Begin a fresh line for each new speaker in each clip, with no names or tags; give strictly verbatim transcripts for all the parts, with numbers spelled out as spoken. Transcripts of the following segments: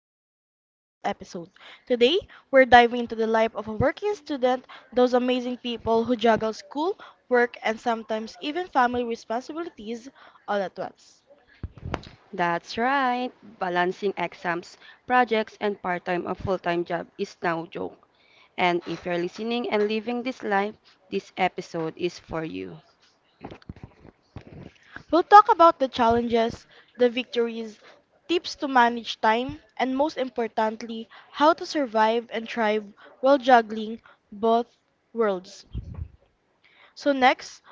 welcome to today's episode. Today, we're diving into the life of a working student, those amazing people who juggle school, work, and sometimes even family responsibilities all at once.
That's right. Balancing exams, projects, and part time or full time job is no joke. And if you're listening and living this life, this episode is for you.
We'll talk about the challenges, the victories, tips to manage time, and most importantly, how to survive and thrive while juggling both worlds. So, next,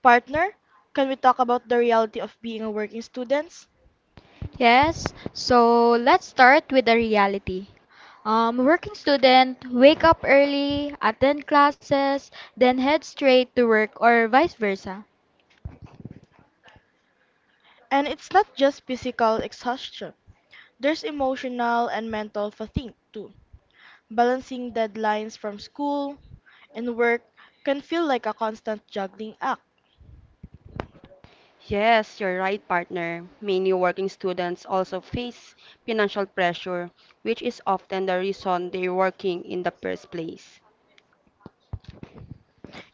partner, can we talk about the reality of being a working student?
Yes, so let's start with the reality. Um, working student wake up early, attend classes, then head straight to work or vice versa.
And it's not just physical exhaustion. There's emotional and mental fatigue too. Balancing deadlines from school and work can feel like a constant juggling act.
Yes, you're right, partner. Many working students also face financial pressure, which is often the reason they're working in the first place.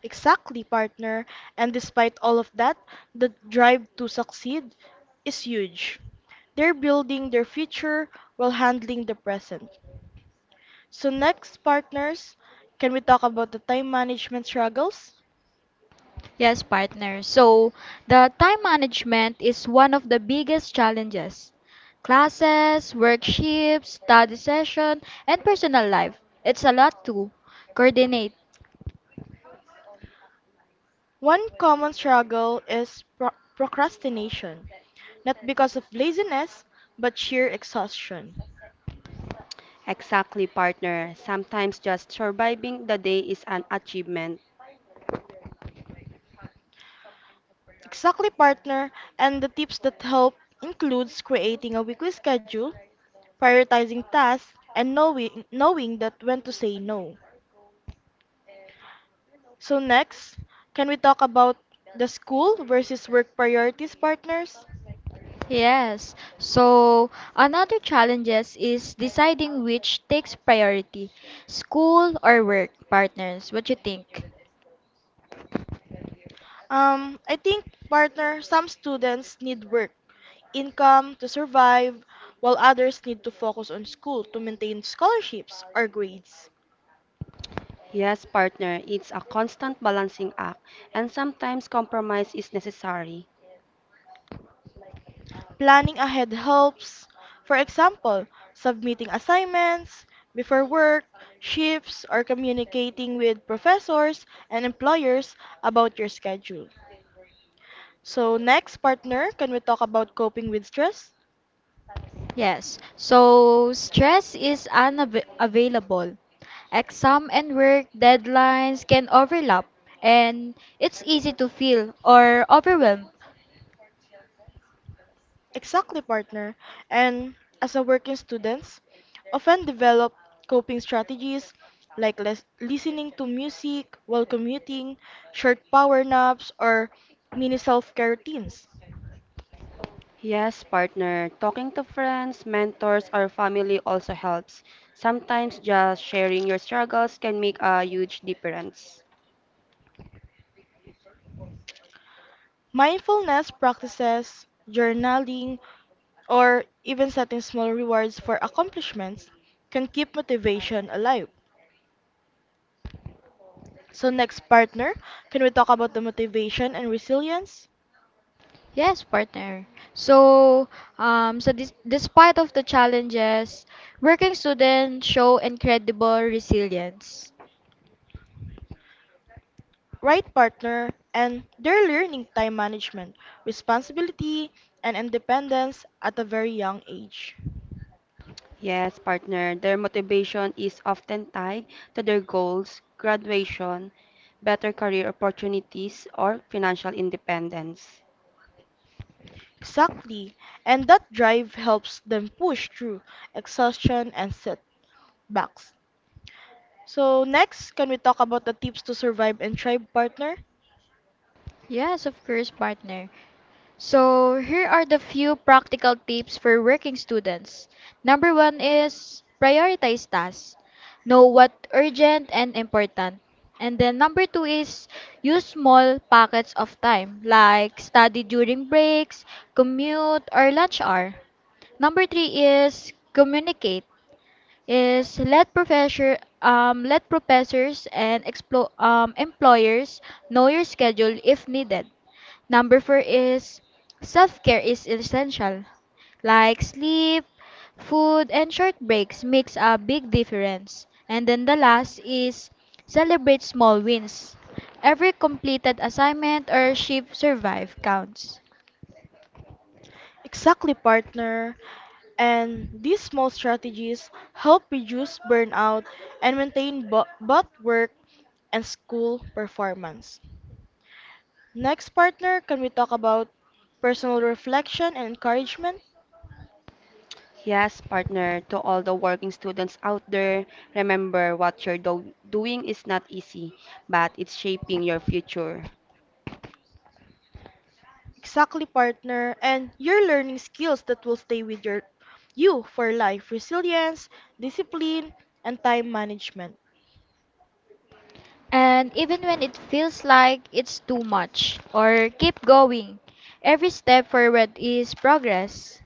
Exactly, partner. And despite all of that, the drive to succeed is huge. They're building their future while handling the present. So, next, partners, can we talk about the time management struggles?
Yes, partner. So the time management is one of the biggest challenges. Classes, work shifts, study session, and personal life. It's a lot to coordinate.
One common struggle is pro- procrastination, not because of laziness, but sheer exhaustion.
Exactly, partner. Sometimes just surviving the day is an achievement.
Exactly, partner, and the tips that help includes creating a weekly schedule, prioritizing tasks, and knowing knowing that when to say no. So next, can we talk about the school versus work priorities, partners?
Yes. So another challenges is deciding which takes priority, school or work partners. What you think?
Um, I think, partner, some students need work, income to survive, while others need to focus on school to maintain scholarships or grades.
Yes, partner, it's a constant balancing act, and sometimes compromise is necessary.
Planning ahead helps. For example, submitting assignments before work, shifts, or communicating with professors and employers about your schedule. So, next, partner, can we talk about coping with stress?
Yes. So stress is unavailable. Exam and work deadlines can overlap and it's easy to feel or overwhelmed.
Exactly, partner. And as a working students, often develop coping strategies like les- listening to music while commuting, short power naps, or mini self-care routines.
Yes, partner, talking to friends, mentors, or family also helps. Sometimes just sharing your struggles can make a huge difference.
Mindfulness practices, journaling, or even setting small rewards for accomplishments can keep motivation alive. So next partner, can we talk about the motivation and resilience?
Yes, partner. So, um, so dis- despite of the challenges, working students show incredible resilience.
Right partner, and they're learning time management, responsibility, and independence at a very young age.
Yes, partner, their motivation is often tied to their goals, graduation, better career opportunities, or financial independence.
Exactly, and that drive helps them push through exhaustion and setbacks. So, next, can we talk about the tips to survive and thrive, partner?
Yes, of course, partner. So, here are the few practical tips for working students. Number one is prioritize tasks. Know what urgent and important. And then number two is use small pockets of time like study during breaks, commute, or lunch hour. Number three is communicate. Is let professor um Let professors and explo- um employers know your schedule if needed. Number four is self care is essential, like sleep, food, and short breaks makes a big difference. And then the last is celebrate small wins. Every completed assignment or shift survive counts.
Exactly, partner. And these small strategies help reduce burnout and maintain bo- both work and school performance. Next, partner, can we talk about personal reflection and encouragement?
Yes, partner, to all the working students out there, remember what you're do- doing is not easy, but it's shaping your future.
Exactly, partner, and your learning skills that will stay with your you for life, resilience, discipline, and time management.
And even when it feels like it's too much, or keep going, every step forward is progress.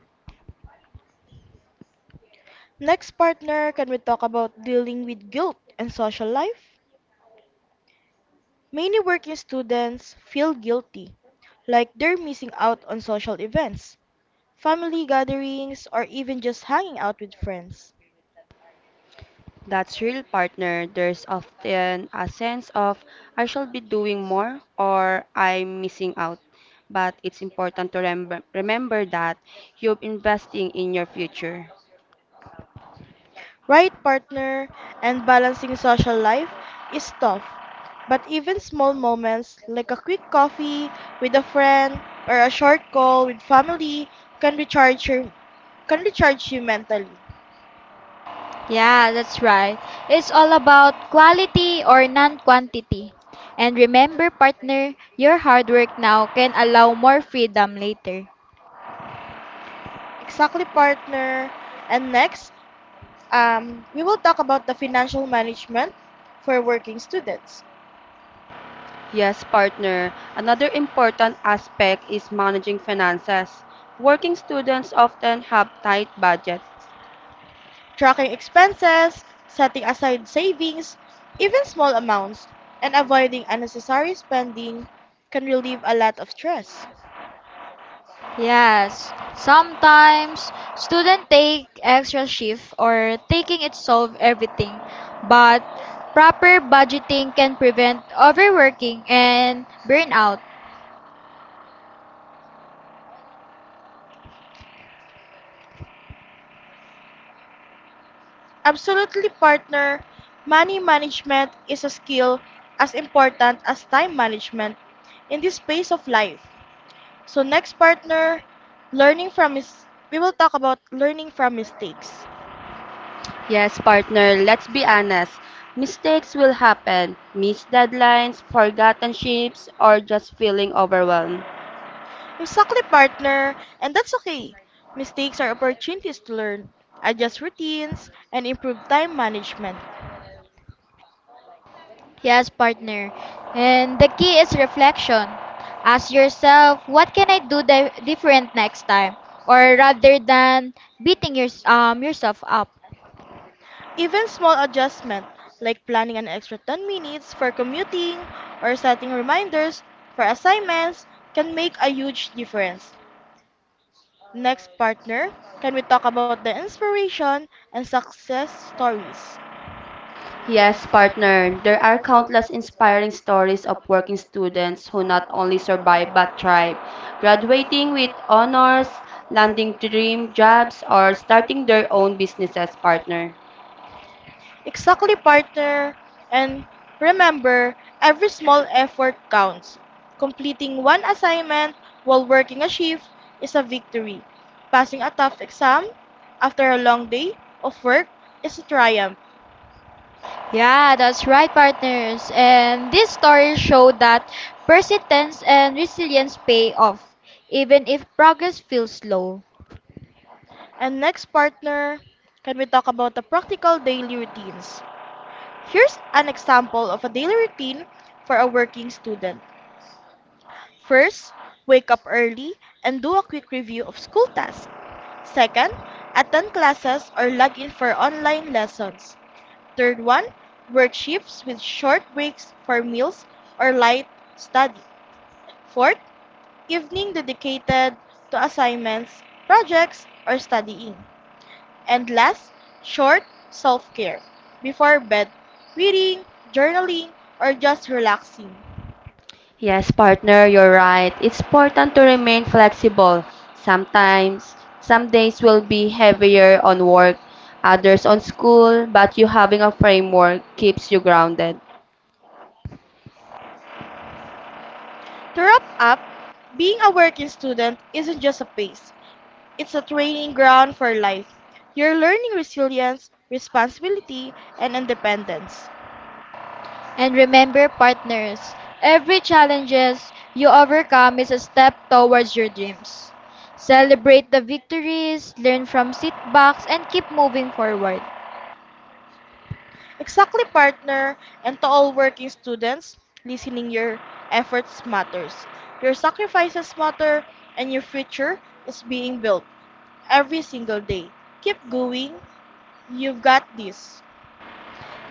Next, partner, can we talk about dealing with guilt and social life? Many working students feel guilty, like they're missing out on social events, family gatherings, or even just hanging out with friends.
That's real, partner. There's often a sense of I shall be doing more or I'm missing out. But it's important to remember, remember that you're investing in your future.
Right partner, and balancing social life is tough. But even small moments like a quick coffee with a friend or a short call with family can recharge your can recharge you mentally.
Yeah, that's right. It's all about quality or non quantity. And remember, partner, your hard work now can allow more freedom later.
Exactly, partner. And next, um, we will talk about the financial management for working students.
Yes, partner. Another important aspect is managing finances. Working students often have tight budgets.
Tracking expenses, setting aside savings, even small amounts, and avoiding unnecessary spending can relieve a lot of stress.
Yes, sometimes students take extra shift or taking it solve everything, but proper budgeting can prevent overworking and burnout.
Absolutely, partner. Money management is a skill as important as time management in this phase of life. So, next, partner, learning from mis- we will talk about learning from mistakes.
Yes, partner, let's be honest. Mistakes will happen. Missed deadlines, forgotten shifts, or just feeling overwhelmed.
Exactly, partner, and that's okay. Mistakes are opportunities to learn, adjust routines, and improve time management.
Yes, partner. And the key is reflection. Ask yourself, what can I do di- different next time? Or rather than beating your, um, yourself up.
Even small adjustments, like planning an extra ten minutes for commuting or setting reminders for assignments, can make a huge difference. Next, partner, can we talk about the inspiration and success stories?
Yes, partner, there are countless inspiring stories of working students who not only survive but thrive, graduating with honors, landing dream jobs, or starting their own businesses, partner.
Exactly, partner. And remember, every small effort counts. Completing one assignment while working a shift is a victory. Passing a tough exam after a long day of work is a triumph.
Yeah, that's right, partners. And these stories show that persistence and resilience pay off, even if progress feels slow.
And next, partner, can we talk about the practical daily routines? Here's an example of a daily routine for a working student. First, wake up early and do a quick review of school tasks. Second, attend classes or log in for online lessons. Third one, work shifts with short breaks for meals or light study. Fourth, evening dedicated to assignments, projects, or studying. And last, short self-care. Before bed, reading, journaling, or just relaxing.
Yes, partner, you're right. It's important to remain flexible. Sometimes, some days will be heavier on work, others on school, but you having a framework keeps you grounded.
To wrap up, being a working student isn't just a phase, it's a training ground for life. You're learning resilience, responsibility, and independence.
And remember, partners, every challenges you overcome is a step towards your dreams. Celebrate the victories, learn from setbacks, and keep moving forward.
Exactly, partner, and to all working students, listening your efforts matters. Your sacrifices matter, and your future is being built every single day. Keep going. You've got this.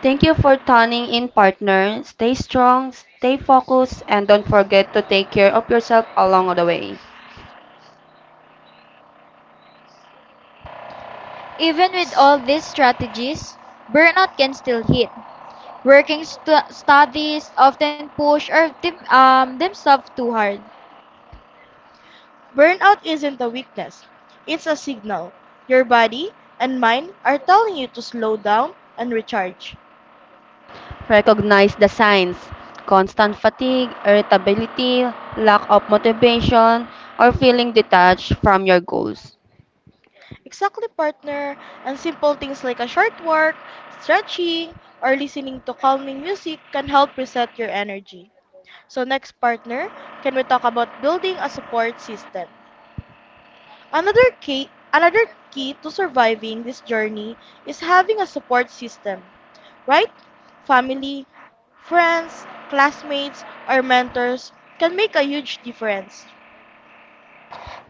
Thank you for tuning in, partner. Stay strong, stay focused, and don't forget to take care of yourself along the way.
Even with
S-
all these strategies, burnout can still hit. Working stu- studies often push or them, um, themselves too hard.
Burnout isn't a weakness, it's a signal. Your body and mind are telling you to slow down and recharge.
Recognize the signs. Constant fatigue, irritability, lack of motivation, or feeling detached from your goals.
Exactly, partner. And simple things like a short walk, stretching, or listening to calming music can help reset your energy. So next, partner, can we talk about building a support system? Another key, another key to surviving this journey is having a support system, right? Family, friends, classmates, or mentors can make a huge difference.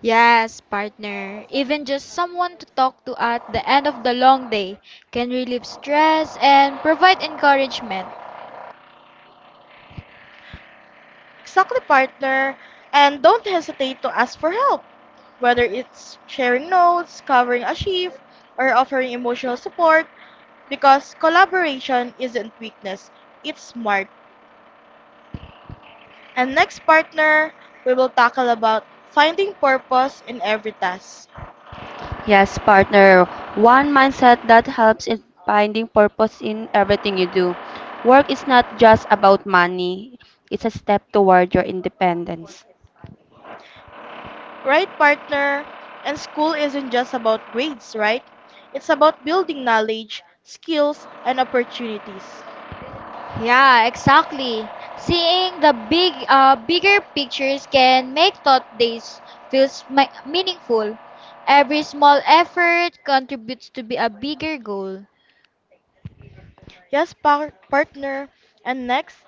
Yes, partner. Even just someone to talk to at the end of the long day can relieve stress and provide encouragement.
Exactly, partner. And don't hesitate to ask for help, whether it's sharing notes, covering a shift, or offering emotional support, because collaboration isn't weakness, it's smart. And next partner, we will tackle about finding purpose in every task.
Yes, partner. One mindset that helps in finding purpose in everything you do. Work is not just about money, it's a step toward your independence.
Right partner, and school isn't just about grades, right? It's about building knowledge, skills, and opportunities.
Yeah, exactly. Seeing the big, uh, bigger pictures can make thought days feels mi- meaningful. Every small effort contributes to be a bigger goal.
Yes, par- partner. And next,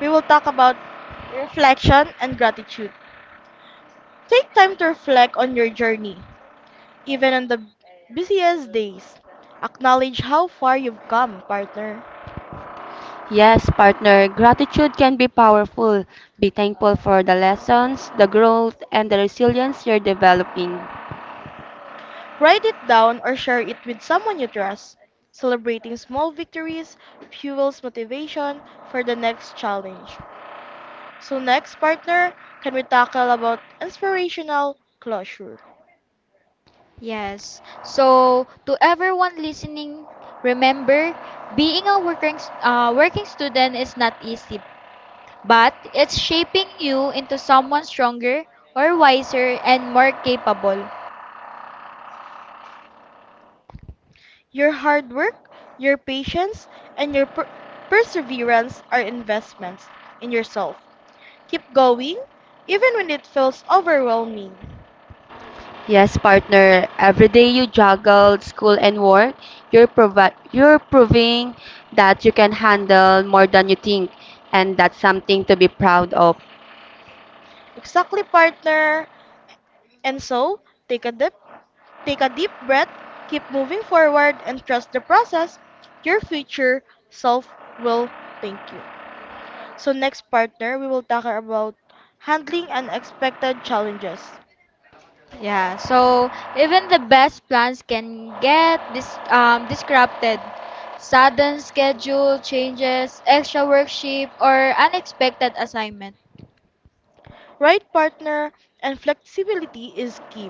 we will talk about reflection and gratitude. Take time to reflect on your journey, even on the busiest days. Acknowledge how far you've come, partner.
Yes, partner, gratitude can be powerful. Be thankful for the lessons, the growth, and the resilience you're developing.
Write it down or share it with someone you trust. Celebrating small victories fuels motivation for the next challenge. So next, partner, can we tackle about inspirational closure?
Yes. So to everyone listening, remember, being a working s- uh, working student is not easy, but it's shaping you into someone stronger or wiser and more capable.
Your hard work, your patience, and your per- perseverance are investments in yourself. Keep going even when it feels overwhelming.
Yes, partner, every day you juggle school and work, you're, provi- you're proving that you can handle more than you think, and that's something to be proud of.
Exactly, partner. And so, take a dip, take a deep breath, keep moving forward and trust the process. Your future self will thank you. So next partner, we will talk about handling unexpected challenges.
Yeah, so even the best plans can get dis um, disrupted. Sudden schedule changes, extra worksheet, or unexpected assignment.
Right partner, and flexibility is key.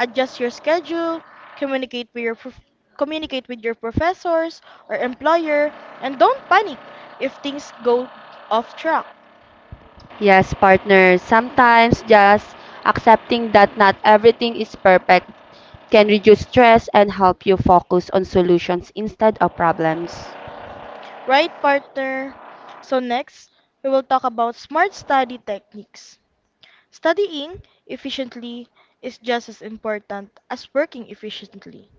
Adjust your schedule, communicate with your prof- communicate with your professors or employer and don't panic if things go off track.
Yes, partner. Sometimes just accepting that not everything is perfect can reduce stress and help you focus on solutions instead of problems.
Right, partner? So, next, we will talk about smart study techniques. Studying efficiently is just as important as working efficiently.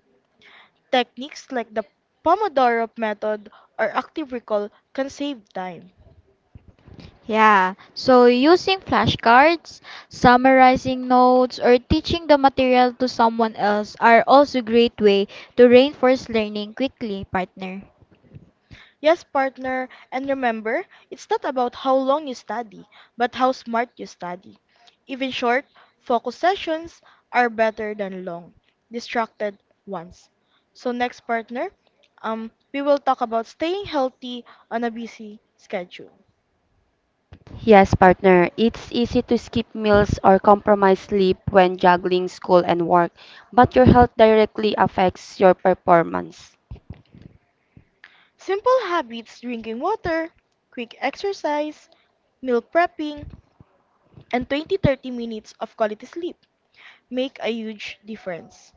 Techniques like the Pomodoro method or active recall can save time.
Yeah, so using flashcards, summarizing notes, or teaching the material to someone else are also great way to reinforce learning quickly, partner.
Yes, partner, and remember, it's not about how long you study, but how smart you study. Even short, focused sessions are better than long, distracted ones. So next, partner, um, we will talk about staying healthy on a busy schedule.
Yes, partner. It's easy to skip meals or compromise sleep when juggling school and work, but your health directly affects your performance.
Simple habits, drinking water, quick exercise, meal prepping, and twenty thirty minutes of quality sleep make a huge difference.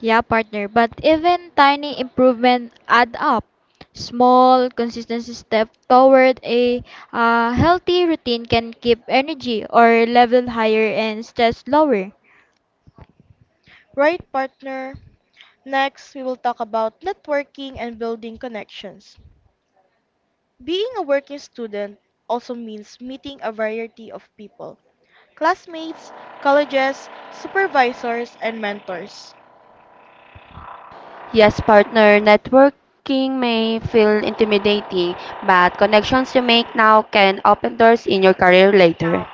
Yeah, partner, but even tiny improvement add up. Small, consistent step toward a uh, healthy routine can keep energy or level higher and stress lower.
Right, partner? Next, we will talk about networking and building connections. Being a working student also means meeting a variety of people, classmates, colleges, supervisors, and mentors.
Yes, partner. Networking may feel intimidating, but connections you make now can open doors in your career later.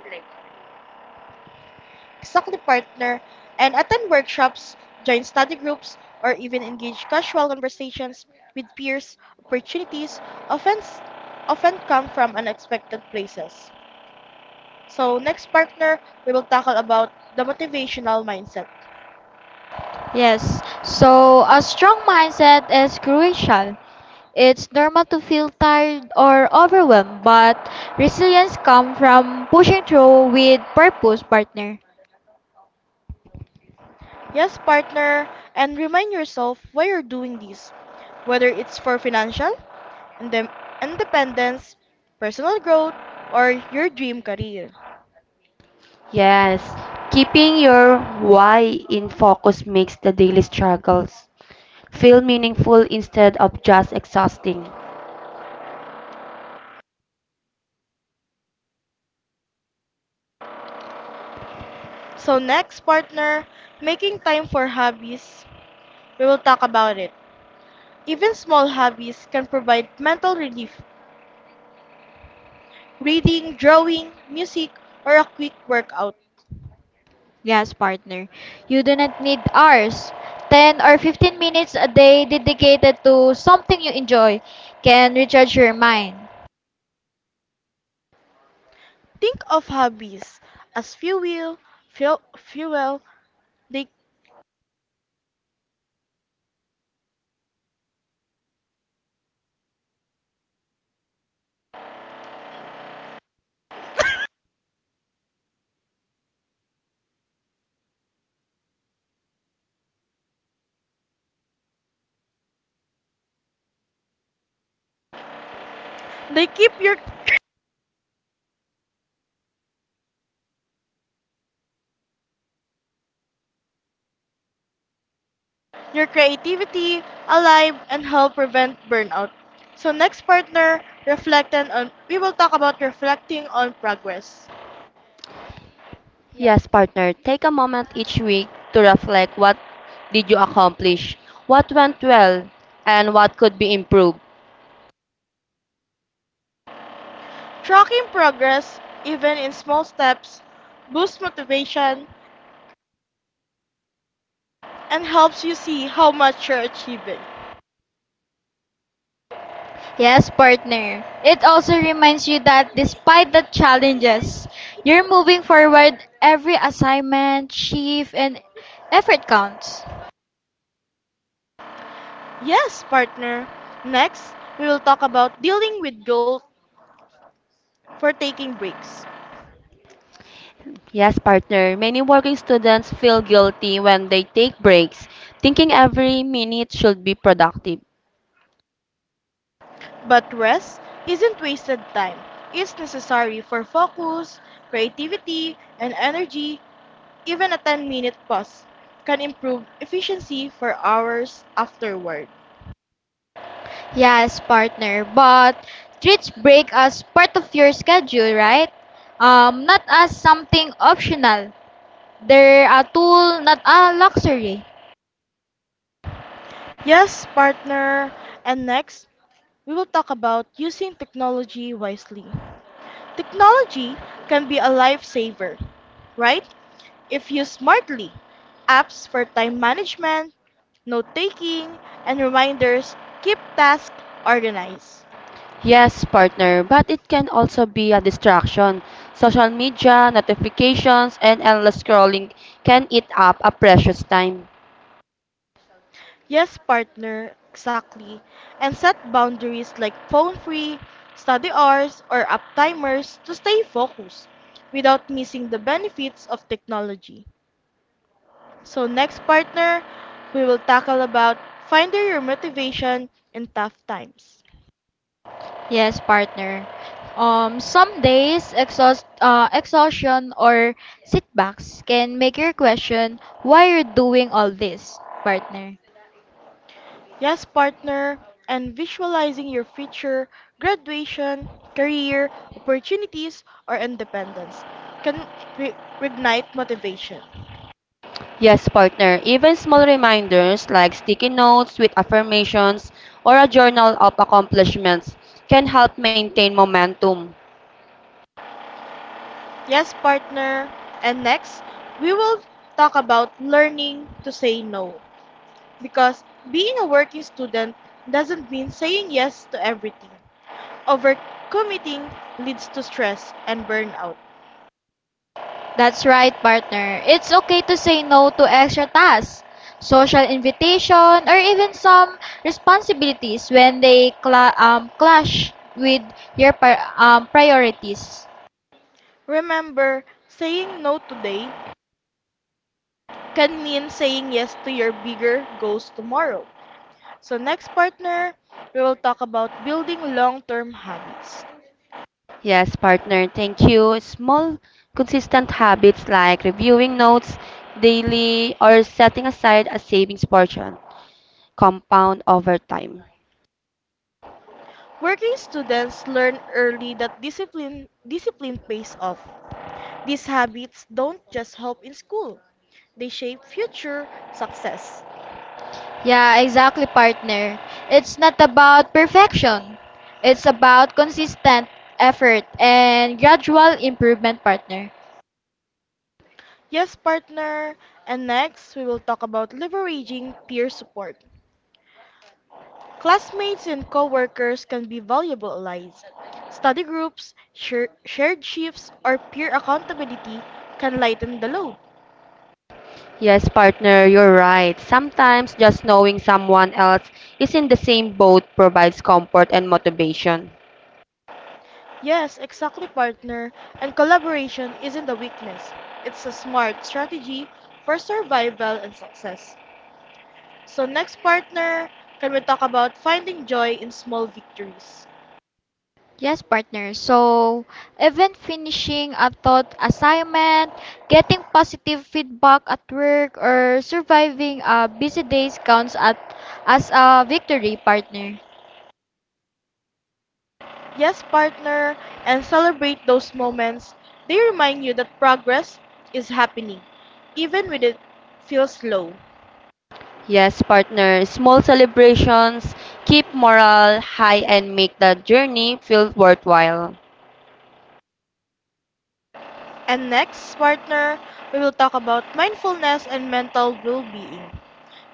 Exactly partner, and attend workshops, join study groups, or even engage casual conversations with peers. Opportunities often, often come from unexpected places. So, next partner, we will tackle about the motivational mindset.
Yes, so a strong mindset is crucial. It's normal to feel tired or overwhelmed, but resilience comes from pushing through with purpose, partner.
Yes, partner, and remind yourself why you're doing this, whether it's for financial indem- independence, personal growth, or your dream career.
Yes, keeping your why in focus makes the daily struggles feel meaningful instead of just exhausting.
So, next, partner, making time for hobbies, we will talk about it. Even small hobbies can provide mental relief, reading, drawing, music, or a quick workout.
Yes, partner. You do not need hours. ten or fifteen minutes a day dedicated to something you enjoy can recharge your mind.
Think of hobbies as fuel, fuel, fuel. They, they keep your your creativity alive and help prevent burnout. So next partner, reflecting on we will talk about reflecting on progress.
Yes, partner, take a moment each week to reflect what did you accomplish, what went well, and what could be improved.
Tracking progress, even in small steps, boosts motivation and helps you see how much you're achieving.
Yes, partner. It also reminds you that despite the challenges, you're moving forward. Every assignment, shift, and effort counts.
Yes, partner. Next, we will talk about dealing with guilt for taking breaks.
Yes, partner, many working students feel guilty when they take breaks, thinking every minute should be productive.
But rest isn't wasted time. It's necessary for focus, creativity, and energy. Even a ten minute pause can improve efficiency for hours afterward.
Yes, partner. But treat break as part of your schedule, right? Um, not as something optional. They're a tool, not a luxury.
Yes, partner. And next, we will talk about using technology wisely. Technology can be a lifesaver, right? If used smartly. Apps for time management, note taking, and reminders keep tasks organized.
Yes, partner, but it can also be a distraction. Social media, notifications, and endless scrolling can eat up a precious time.
Yes, partner, exactly. And set boundaries like phone free, study hours, or up timers to stay focused without missing the benefits of technology. So next partner, we will tackle about finding your motivation in tough times.
Yes, partner. Um, some days exhaust, uh, exhaustion or setbacks can make you question why you're doing all this, partner.
Yes, partner, and visualizing your future, graduation, career, opportunities, or independence can re- reignite motivation.
Yes, partner, even small reminders like sticky notes with affirmations or a journal of accomplishments can help maintain momentum.
Yes, partner. And next, we will talk about learning to say no. Because being a working student doesn't mean saying yes to everything. Overcommitting leads to stress and burnout.
That's right, partner. It's okay to say no to extra tasks, social invitation, or even some responsibilities when they cla um, clash with your pri- um, priorities.
Remember, saying no today can mean saying yes to your bigger goals tomorrow. So, next, partner, we will talk about building long term habits.
Yes, partner, thank you. Small, consistent habits like reviewing notes daily or setting aside a savings portion compound over time.
Working students learn early that discipline discipline pays off. These habits don't just help in school, they shape future success.
Yeah, exactly, partner. It's not about perfection. It's about consistent effort and gradual improvement, partner.
Yes, partner, and next we will talk about leveraging peer support. Classmates and coworkers can be valuable allies. Study groups, share, shared shifts, or peer accountability can lighten the load.
Yes, partner, you're right. Sometimes just knowing someone else is in the same boat provides comfort and motivation.
Yes, exactly, partner. And collaboration isn't a weakness, it's a smart strategy for survival and success. So, next, partner, can we talk about finding joy in small victories?
Yes, partner. So, even finishing a thought assignment, getting positive feedback at work, or surviving a busy day counts at, as a victory, partner.
Yes, partner, and celebrate those moments. They remind you that progress is happening, even when it feels slow.
Yes, partner, small celebrations keep morale high and make the journey feel worthwhile.
And next, partner, we will talk about mindfulness and mental well being.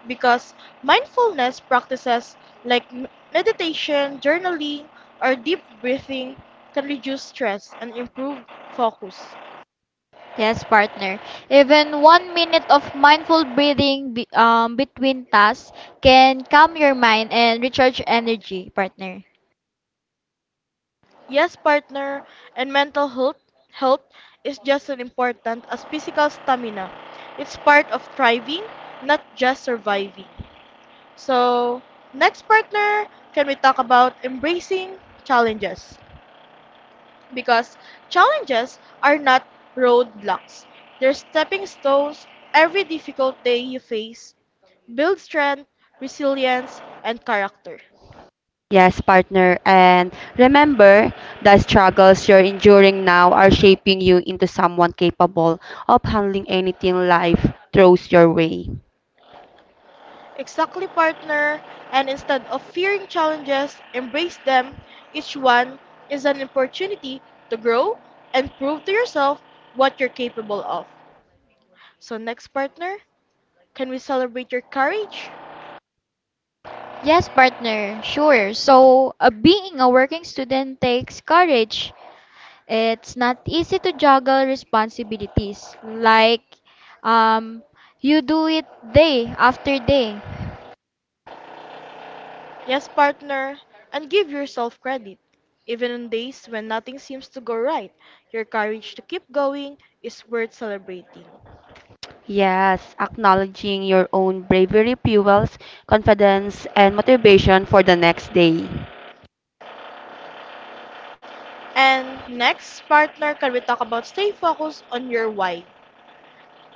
Because mindfulness practices like m- meditation, journaling, or deep breathing can reduce stress and improve focus.
Yes, partner. Even one minute of mindful breathing be, um, between tasks can calm your mind and recharge energy, partner.
Yes, partner, and mental health, health is just as important as physical stamina. It's part of thriving, not just surviving. So, next partner, can we talk about embracing challenges? Because challenges are not roadblocks, they're stepping stones. Every difficult day you face builds strength, resilience, and character.
Yes, partner, and remember the struggles you're enduring now are shaping you into someone capable of handling anything life throws your way.
Exactly, partner. And instead of fearing challenges, embrace them. Each one is an opportunity to grow and prove to yourself what you're capable of. So, next, partner, can we celebrate your courage?
Yes, partner. Sure. So, uh, being a working student takes courage. It's not easy to juggle responsibilities. Like, um, you do it day after day.
Yes, partner, and give yourself credit. Even on days when nothing seems to go right, your courage to keep going is worth celebrating.
Yes, acknowledging your own bravery fuels confidence and motivation for the next day.
And next, partner, can we talk about stay focused on your why?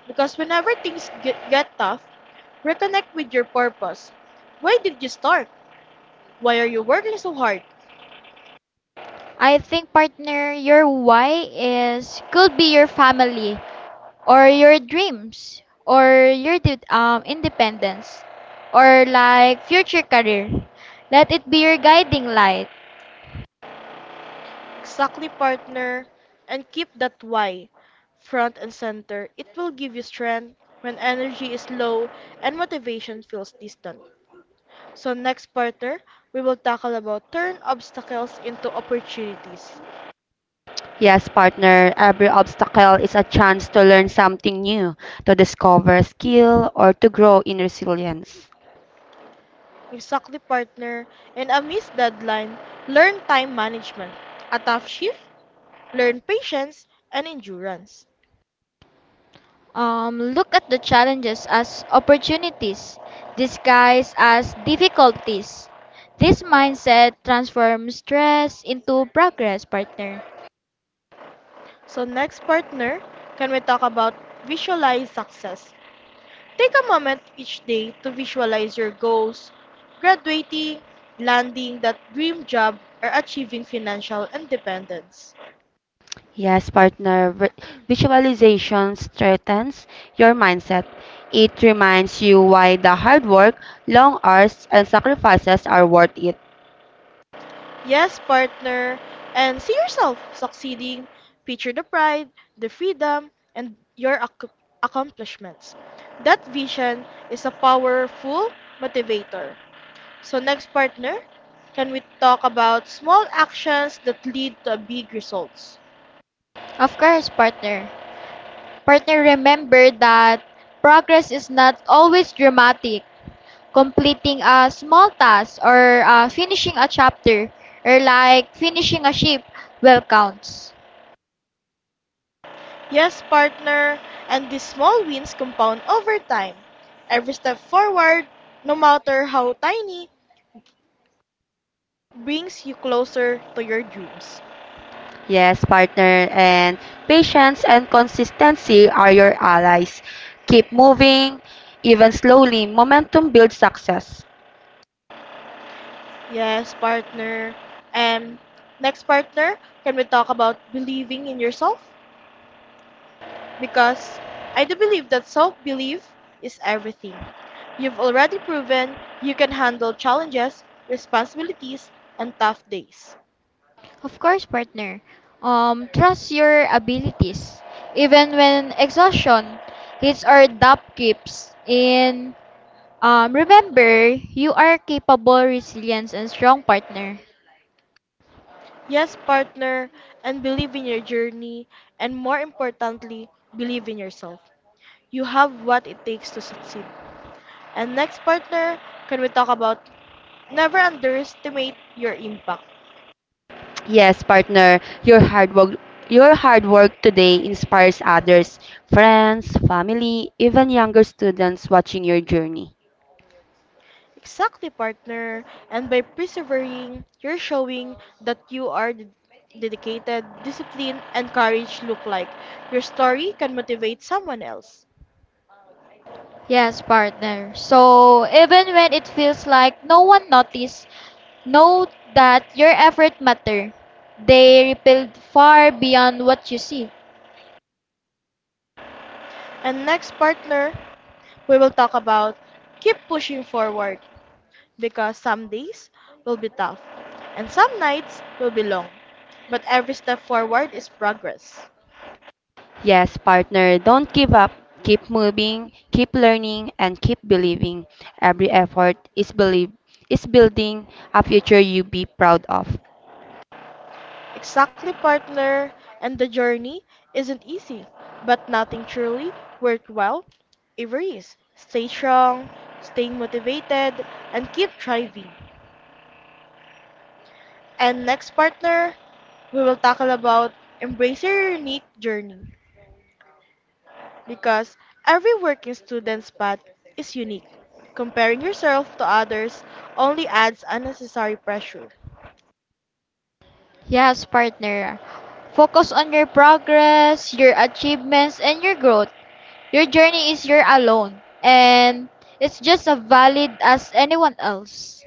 Because whenever things get, get tough, reconnect with your purpose. Why did you start? Why are you working so hard?
I think partner, your why is could be your family, or your dreams or your de- um, independence or like future career. Let it be your guiding light.
Exactly, partner. And keep that why front and center. It will give you strength when energy is low and motivation feels distant. So, next partner, we will tackle about turn obstacles into opportunities.
Yes, partner, every obstacle is a chance to learn something new, to discover skill, or to grow in resilience.
Exactly, partner. And amidst deadline, learn time management, a tough shift, learn patience and endurance.
Um, look at the challenges as opportunities, disguised as difficulties. This mindset transforms stress into progress, partner.
So next partner, can we talk about visualize success? Take a moment each day to visualize your goals, graduating, landing that dream job, or achieving financial independence.
Yes, partner, vi- visualization strengthens your mindset. It reminds you why the hard work, long hours, and sacrifices are worth it.
Yes, partner, and see yourself succeeding. Picture the pride, the freedom, and your ac- accomplishments. That vision is a powerful motivator. So, next partner, can we talk about small actions that lead to big results?
Of course, partner. Partner, remember that progress is not always dramatic. Completing a small task or uh, finishing a chapter or like finishing a ship well counts.
Yes, partner, and these small wins compound over time. Every step forward, no matter how tiny, brings you closer to your dreams.
Yes, partner, and patience and consistency are your allies. Keep moving, even slowly. Momentum builds success.
Yes, partner. And next partner, can we talk about believing in yourself? Because I do believe that self belief is everything. You've already proven you can handle challenges, responsibilities, and tough days.
Of course, partner. Um, trust your abilities. Even when exhaustion hits or doubt creeps in, um, remember you are capable, resilient, and strong partner.
Yes, partner, and believe in your journey, and more importantly, believe in yourself. You have what it takes to succeed. And next, partner, can we talk about never underestimate your impact?
Yes, partner, your hard work your hard work today inspires others, friends, family, even younger students watching your journey.
Exactly, partner. And by persevering, you're showing that you are d- dedicated, discipline, and courage look like. Your story can motivate someone else.
Yes, partner. So even when it feels like no one noticed. Know that your effort matter. They rebuild far beyond what you see.
And next, partner, we will talk about keep pushing forward because some days will be tough and some nights will be long. But every step forward is progress.
Yes, partner, don't give up. Keep moving, keep learning, and keep believing. Every effort is believe is building a future you be proud of.
Exactly, partner. And the journey isn't easy, but nothing truly worthwhile ever is. Stay strong, stay motivated, and keep thriving. And next, partner, we will tackle about embrace your unique journey because every working student's path is unique. Comparing yourself to others only adds unnecessary pressure.
Yes, partner. Focus on your progress, your achievements, and your growth. Your journey is your alone, and it's just as valid as anyone else.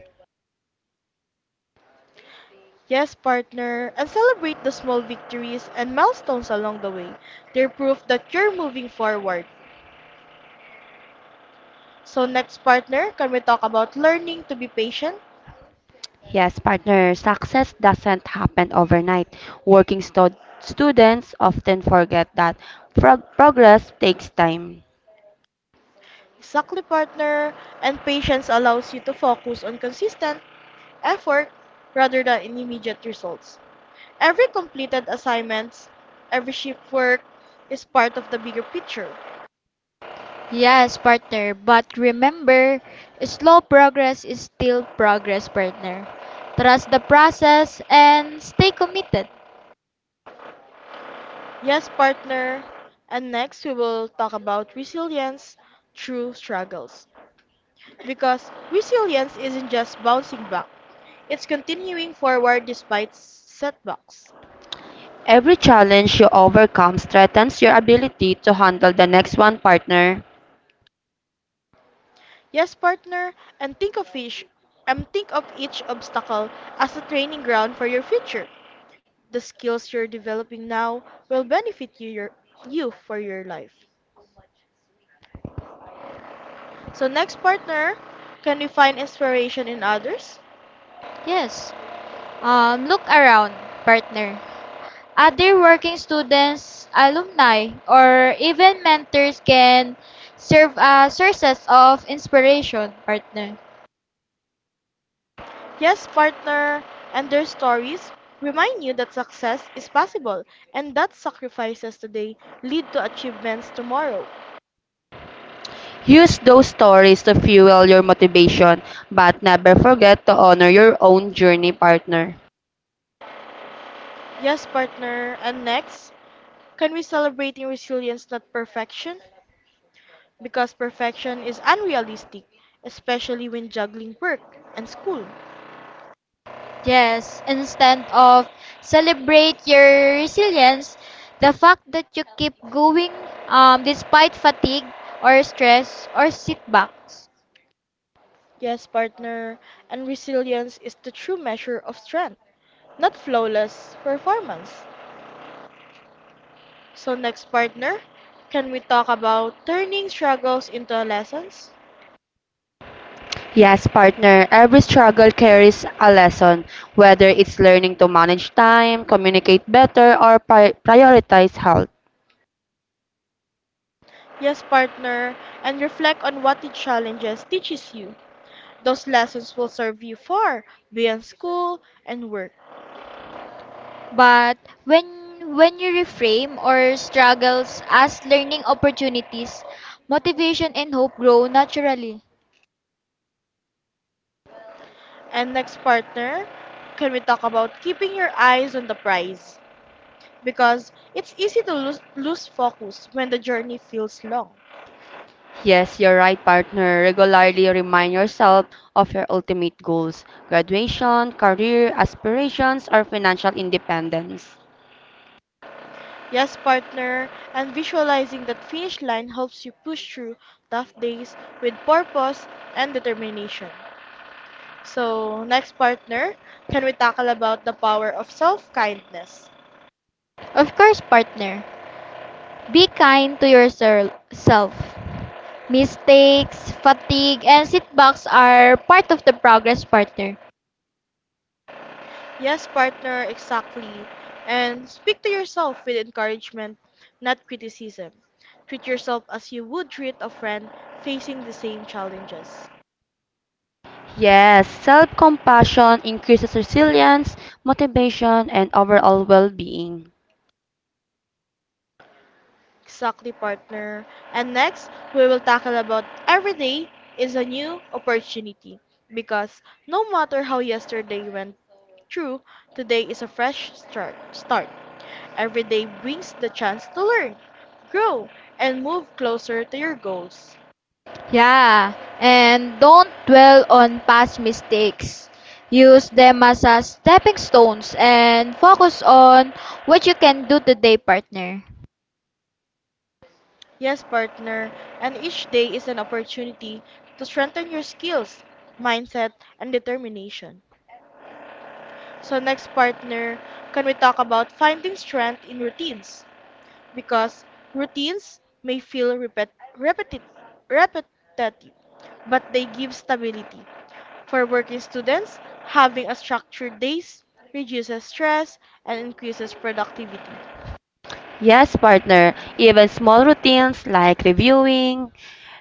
Yes, partner, and celebrate the small victories and milestones along the way. They're proof that you're moving forward. So, next, partner, can we talk about learning to be patient?
Yes, partner, success doesn't happen overnight. Working stu- students often forget that prog- progress takes time.
Exactly, partner. And patience allows you to focus on consistent effort rather than in immediate results. Every completed assignments, every shift work is part of the bigger picture.
Yes, partner, but remember, slow progress is still progress, partner. Trust the process and stay committed.
Yes, partner. And next, we will talk about resilience through struggles. Because resilience isn't just bouncing back, it's continuing forward despite setbacks.
Every challenge you overcome strengthens your ability to handle the next one, partner.
Yes, partner, and think of each and think of each obstacle as a training ground for your future. The skills you're developing now will benefit you your you for your life. So next partner, can we find inspiration in others?
Yes. Um, look around, partner. Other working students, alumni, or even mentors can serve as sources of inspiration, partner.
Yes, partner, and their stories remind you that success is possible and that sacrifices today lead to achievements tomorrow.
Use those stories to fuel your motivation, but never forget to honor your own journey, partner.
Yes, partner. And next, can we celebrating resilience, not perfection? Because perfection is unrealistic, especially when juggling work and school.
Yes, instead of celebrate your resilience, the fact that you keep going um, despite fatigue or stress or setbacks.
Yes, partner. And resilience is the true measure of strength, not flawless performance. So next, partner, can we talk about turning struggles into lessons?
Yes, partner, every struggle carries a lesson, whether it's learning to manage time, communicate better, or pri- prioritize health.
Yes, partner, and reflect on what the challenges teaches you. Those lessons will serve you far beyond school and work.
But when when you reframe or struggles as learning opportunities, motivation and hope grow naturally.
And next, partner, can we talk about keeping your eyes on the prize? Because it's easy to lose, lose focus when the journey feels long.
Yes, you're right, partner. Regularly remind yourself of your ultimate goals graduation, career aspirations, or financial independence.
Yes, partner, and visualizing that finish line helps you push through tough days with purpose and determination. So, next, partner, can we tackle about the power of self-kindness?
Of course, partner. Be kind to yourself. Mistakes, fatigue, and setbacks are part of the progress, partner.
Yes, partner, exactly. And speak to yourself with encouragement, not criticism. Treat yourself as you would treat a friend facing the same challenges.
Yes, self compassion increases resilience, motivation, and overall well being.
Exactly, partner. And next, we will tackle about every day is a new opportunity because no matter how yesterday went through, today is a fresh start. Start. Every day brings the chance to learn, grow, and move closer to your goals.
Yeah, and don't dwell on past mistakes. Use them as a stepping stones and focus on what you can do today, partner.
Yes, partner, and each day is an opportunity to strengthen your skills, mindset, and determination. So, next, partner, can we talk about finding strength in routines? Because routines may feel repet- repetit- repetitive, but they give stability. For working students, having a structured days reduces stress and increases productivity.
Yes, partner, even small routines like reviewing,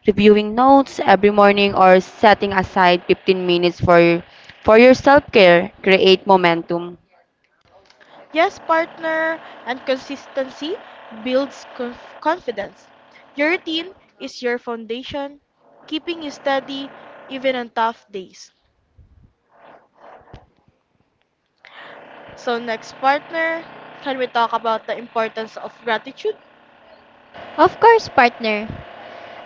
reviewing notes every morning or setting aside fifteen minutes for for your self-care create momentum.
Yes, partner, and consistency builds conf- confidence. Your routine is your foundation, keeping you steady even on tough days. So, next, partner, can we talk about the importance of gratitude?
Of course, partner.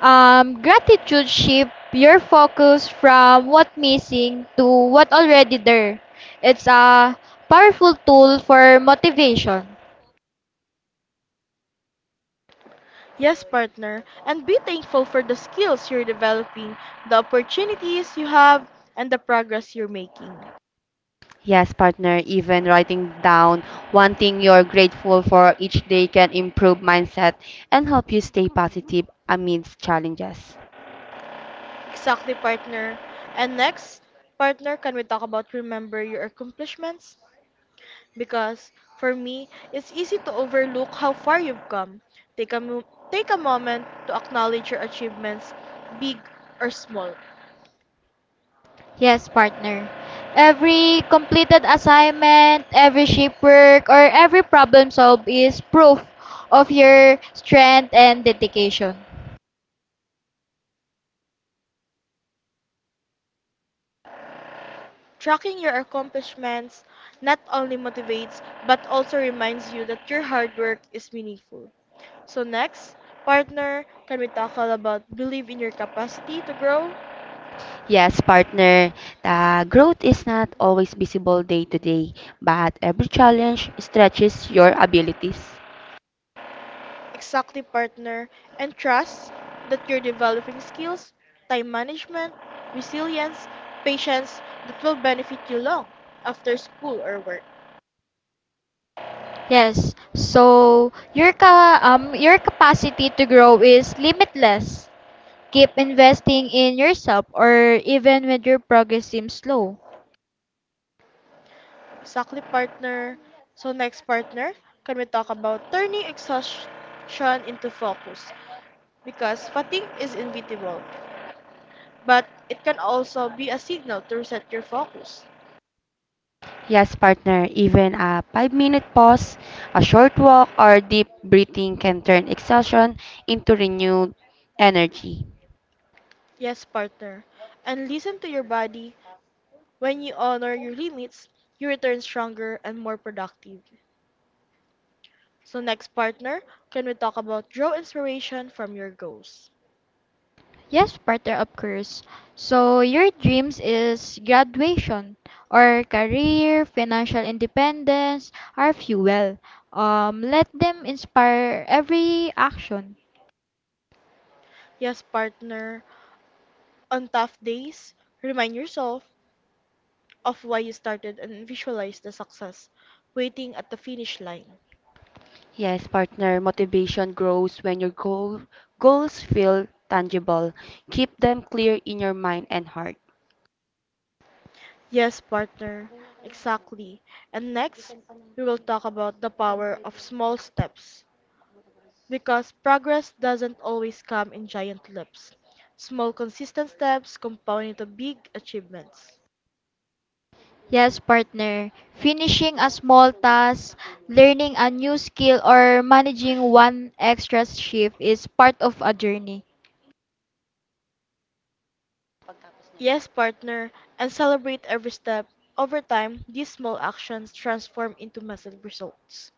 Um, gratitude shift your focus from what missing to what already there. It's a powerful tool for motivation.
Yes, partner, and be thankful for the skills you're developing, the opportunities you have, and the progress you're making.
Yes, partner, even writing down one thing you're grateful for each day can improve mindset and help you stay positive amidst challenges.
Exactly, partner. And next, partner, can we talk about remember your accomplishments? Because for me, it's easy to overlook how far you've come. Take a, mo- Take a moment to acknowledge your achievements, big or small.
Yes, partner. Every completed assignment, every ship work, or every problem solved is proof of your strength and dedication.
Tracking your accomplishments not only motivates but also reminds you that your hard work is meaningful. So, next, partner, can we tackle about believe in your capacity to grow?
Yes, partner, the growth is not always visible day to day, but every challenge stretches your abilities.
Exactly, partner. And trust that you're developing skills, time management, resilience, patience that will benefit you long after school or work.
Yes. So your ca- um your capacity to grow is limitless. Keep investing in yourself or even when your progress seems slow.
Exactly, partner. So, next, partner, can we talk about turning exhaustion into focus? Because fatigue is inevitable, but it can also be a signal to reset your focus.
Yes, partner, even a five minute pause, a short walk, or deep breathing can turn exhaustion into renewed energy.
Yes, partner. And listen to your body. When you honor your limits, you return stronger and more productive. So, next, partner, can we talk about draw inspiration from your goals?
Yes, partner, of course. So your dreams is graduation or career, financial independence, are fuel. Um, let them inspire every action.
Yes, partner, on tough days, remind yourself of why you started and visualize the success waiting at the finish line.
Yes, partner, motivation grows when your goal, goals feel tangible. Keep them clear in your mind and heart.
Yes, partner, exactly. And next, we will talk about the power of small steps because progress doesn't always come in giant leaps. Small, consistent steps compound into big achievements.
Yes, partner. Finishing a small task, learning a new skill, or managing one extra shift is part of a journey.
Yes, partner, and celebrate every step. Over time, these small actions transform into massive results.